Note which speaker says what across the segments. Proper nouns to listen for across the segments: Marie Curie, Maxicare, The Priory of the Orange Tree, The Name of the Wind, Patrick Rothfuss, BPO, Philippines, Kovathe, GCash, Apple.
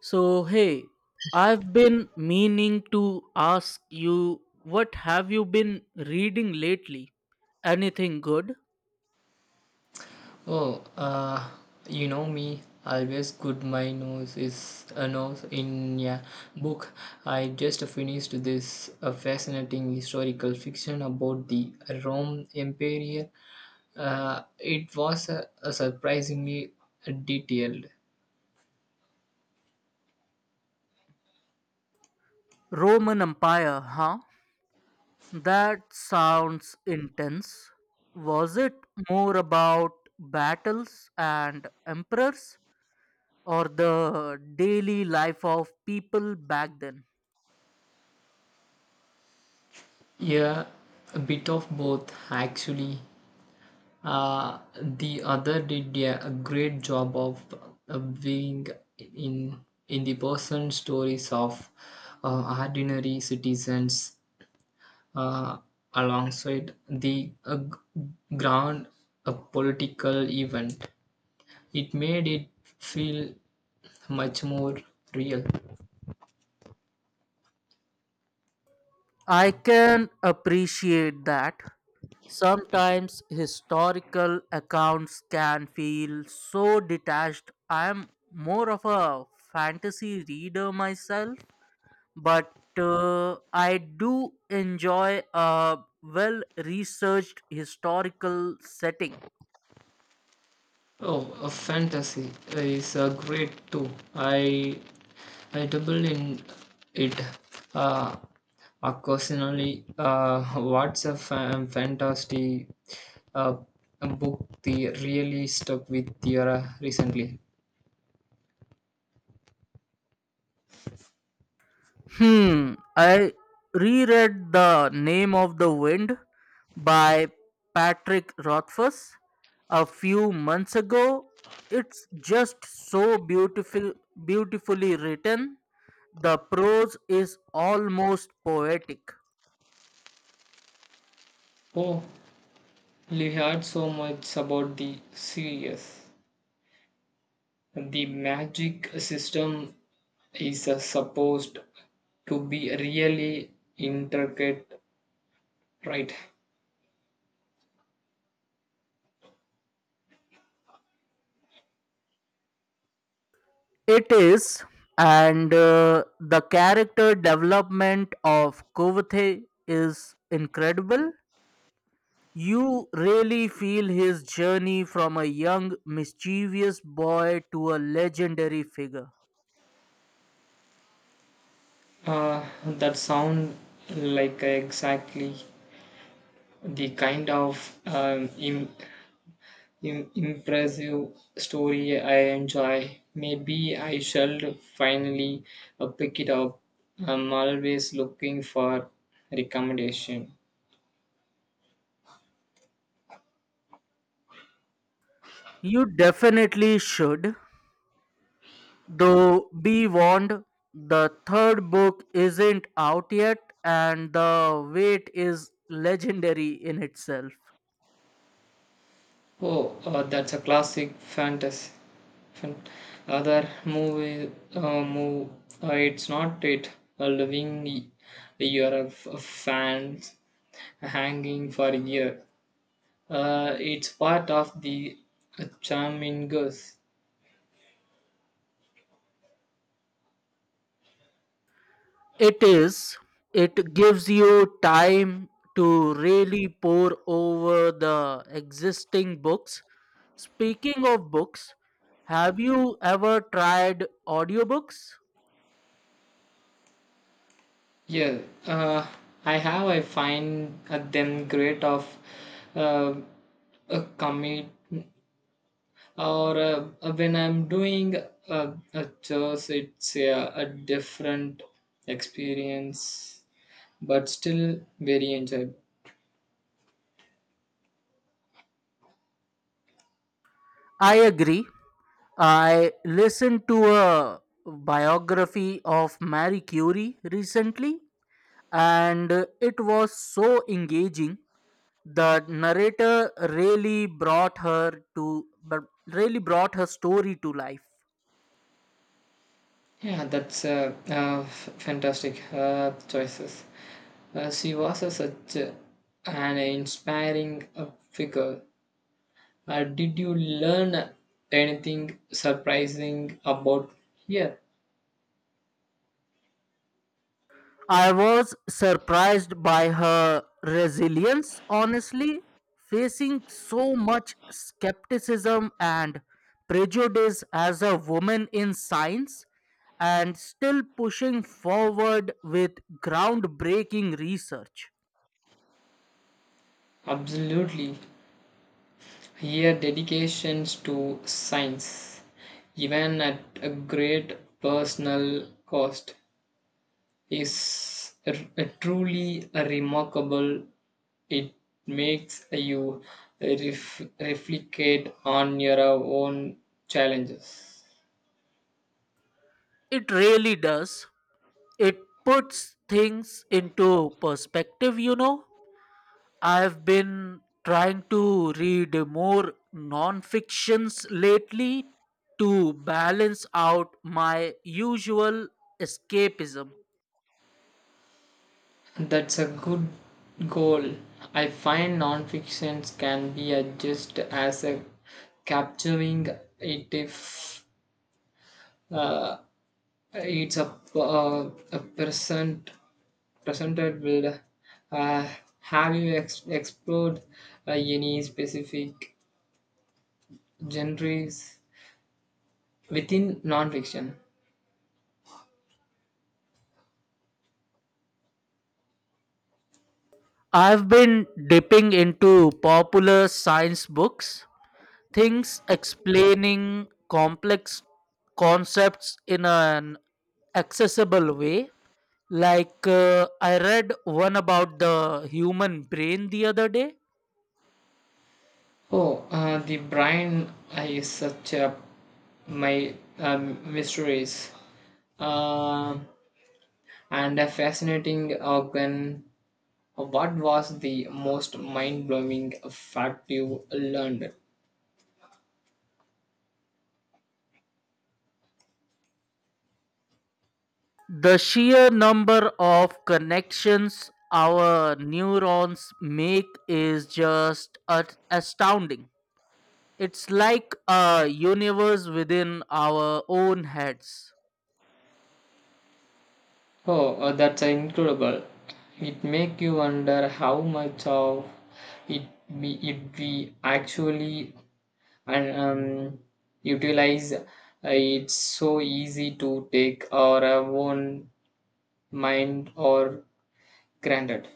Speaker 1: So, hey, I've been meaning to ask you, what have you been reading lately? Anything good?
Speaker 2: Oh, uh, you know me. Always good. My nose is a nose in a book. I just finished this fascinating historical fiction about the Rome Empire. It was surprisingly detailed.
Speaker 1: Roman Empire, huh? That sounds intense. Was it more about battles and emperors, or the daily life of people back then?
Speaker 2: Yeah, a bit of both actually. The other did a great job of being in in the personal stories of ordinary citizens, uh, alongside the grand political event. It made it feel much more real.
Speaker 1: I can appreciate that. Sometimes historical accounts can feel so detached. I am more of a fantasy reader myself, but I do enjoy a well researched historical setting.
Speaker 2: Oh, a fantasy is a great too. I I double in it, uh, occasionally. What's a fantasy uh, book the really stuck with you recently?
Speaker 1: Hmm, I reread The Name of the Wind by Patrick Rothfuss a few months ago. It's just so beautiful, beautifully written. The prose is almost poetic.
Speaker 2: Oh, we heard so much about the series. The magic system is, supposed to be really intricate, right?
Speaker 1: It is, and the character development of Kovathe is incredible. You really feel his journey from a young, mischievous boy to a legendary figure.
Speaker 2: That sound like exactly the kind of impressive story I enjoy. Maybe I shall finally pick it up. I'm always looking for recommendation.
Speaker 1: You definitely should, though be warned, the third book isn't out yet, and the wait is legendary in itself.
Speaker 2: Oh, that's a classic fantasy. Fan- Other movie, move. It's not it. A living, you're a, a fan hanging for a year. It's part of the charming girls.
Speaker 1: It is. It gives you time to really pour over the existing books. Speaking of books, have you ever tried audiobooks?
Speaker 2: Yeah, uh, I have. I find them great of uh, a commit or, when I'm doing a chores, it's a different experience, but still very enjoyable.
Speaker 1: I agree. I listened to a biography of Marie Curie recently, and it was so engaging. The narrator really brought her to, but really brought her story to life.
Speaker 2: Yeah, that's fantastic choices. She was a, such a, an inspiring figure. Did you learn anything surprising about here?
Speaker 1: I was surprised by her resilience, honestly, facing so much skepticism and prejudice as a woman in science and still pushing forward with groundbreaking research.
Speaker 2: Absolutely. Here, dedications to science, even at a great personal cost, is truly remarkable. It makes you reflect on your own challenges.
Speaker 1: It really does. It puts things into perspective, you know. I've been trying to read more non-fictions lately to balance out my usual escapism.
Speaker 2: That's a good goal. I find nonfictions can be just as a capturing it if, uh, it's a present presented with. Uh, have you explored any specific genres within nonfiction?
Speaker 1: I've been dipping into popular science books, things explaining complex concepts in an accessible way. Like I read one about the human brain the other day.
Speaker 2: Oh, the brain, is such a my mysteries. Um And a fascinating organ. What was the most mind blowing fact you learned?
Speaker 1: The sheer number of connections our neurons make is just astounding. It's like a universe within our own heads.
Speaker 2: Oh, that's incredible. It make you wonder how much of it it we actually and, utilize. It's so easy to take our own mind or granted.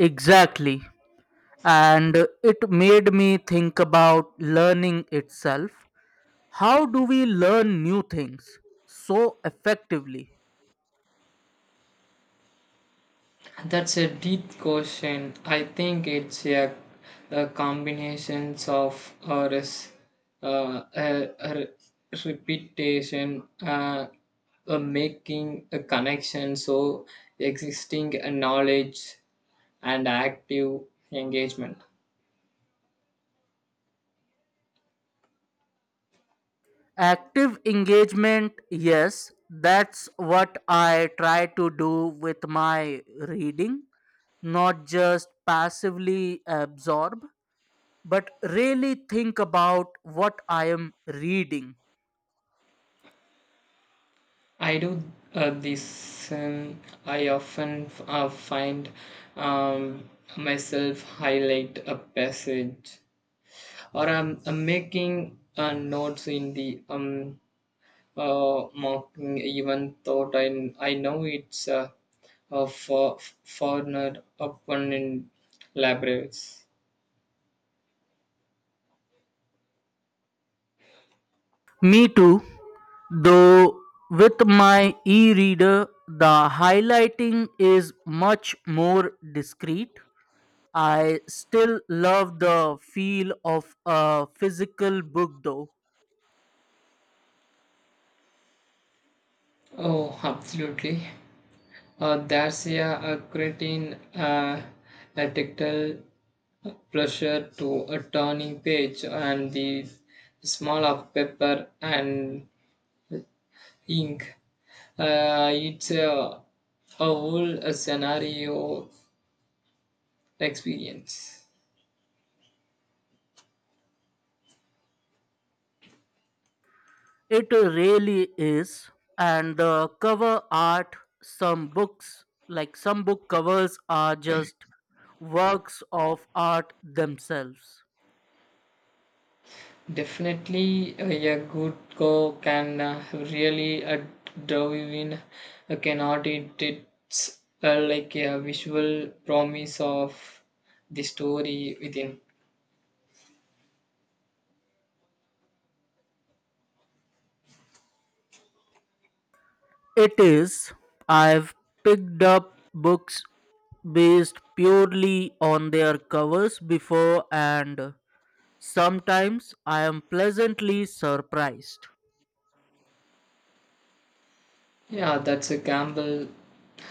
Speaker 1: Exactly. And it made me think about learning itself. How do we learn new things so effectively?
Speaker 2: That's a deep question. I think it's a combinations of res, a re- repetition, a making a connection, so existing knowledge and active engagement.
Speaker 1: Active engagement, yes, that's what I try to do with my reading, not just passively absorb, but really think about what I am reading.
Speaker 2: I do this. I often find, um, myself highlight a passage or I'm making notes in the marking even thought I know it's a for foreigner open in libraries.
Speaker 1: Me too, though with my e reader, the highlighting is much more discreet. I still love the feel of a physical book though.
Speaker 2: Oh, absolutely. There's a creating a tactile pleasure to a turning page and the smell of paper and ink. It's a whole scenario experience.
Speaker 1: It really is. And the cover art, some books, like some book covers, are just works of art themselves.
Speaker 2: Definitely, a good go can really draw you in. Cannot it? It's, like a visual promise of the story within.
Speaker 1: It is. I've picked up books based purely on their covers before, and sometimes I am pleasantly surprised.
Speaker 2: Yeah, that's a gamble,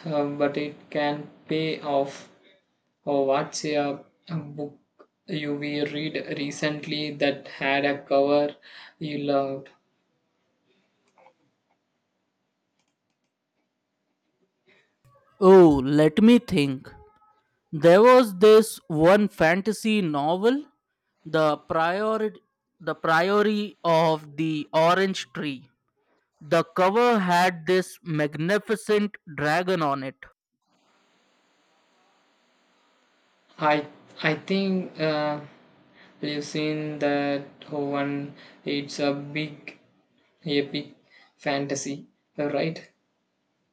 Speaker 2: but it can pay off. Or what's a book you we read recently that had a cover you loved?
Speaker 1: Oh, let me think. There was this one fantasy novel, The Priori, the Priory of the Orange Tree. The cover had this magnificent dragon on it.
Speaker 2: I I think. We've seen that one. It's a big, epic fantasy, right?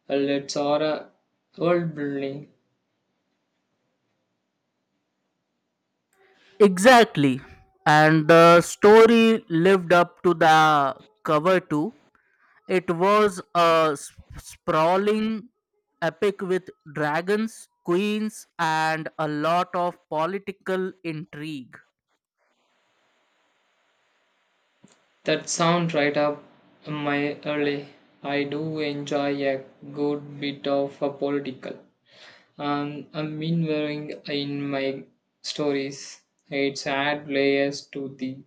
Speaker 2: Let's order world building.
Speaker 1: Exactly. And the story lived up to the cover too. It was a sprawling epic with dragons, queens, and a lot of political intrigue.
Speaker 2: That sounds right up my alley. I do enjoy a good bit of a political. I mean, wearing in my stories, it's add layers to the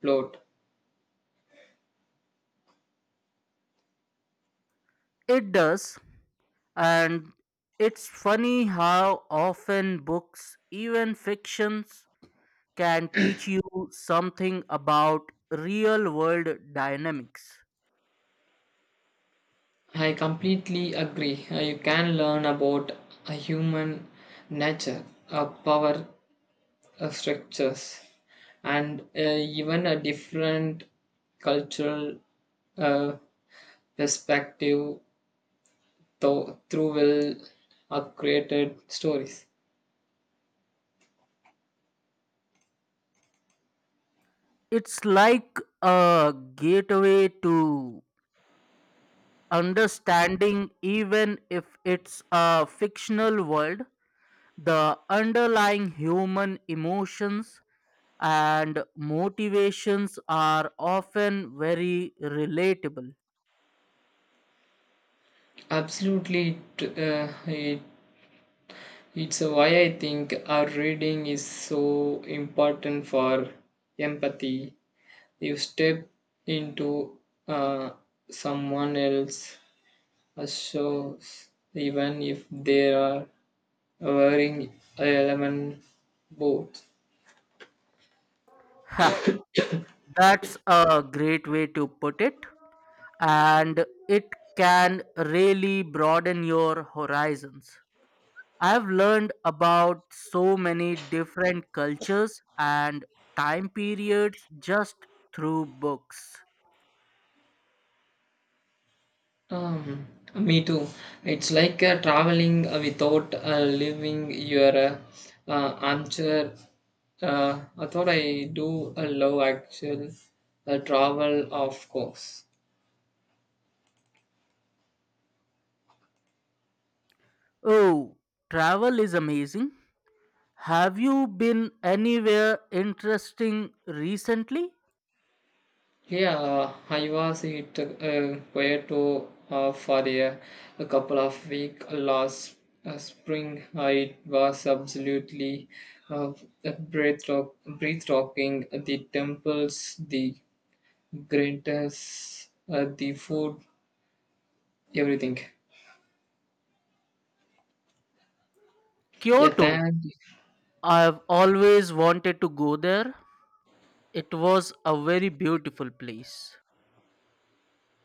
Speaker 2: plot.
Speaker 1: It does, and it's funny how often books, even fictions, can teach you something about real world dynamics.
Speaker 2: I completely agree. You can learn about a human nature, a power, structures and, even a different cultural uh, perspective through will are created stories.
Speaker 1: It's like a gateway to understanding. Even if it's a fictional world, the underlying human emotions and motivations are often very relatable.
Speaker 2: Absolutely it, it's why I think our reading is so important for empathy. You step into, uh, someone else's shoes, even if they are wearing a element both.
Speaker 1: Ha, that's a great way to put it, and it can really broaden your horizons. I've learned about so many different cultures and time periods just through books.
Speaker 2: Um, Me too. It's like traveling without leaving your armchair. I thought I do love actual travel, of course.
Speaker 1: Oh, travel is amazing. Have you been anywhere interesting recently?
Speaker 2: Yeah, I was it Puerto, for a couple of weeks last spring. It was absolutely uh, breathtaking. The temples, the greatness, the food, everything. Yeah,
Speaker 1: Kyoto.
Speaker 2: thank
Speaker 1: I've always wanted to go there. It was a very beautiful place.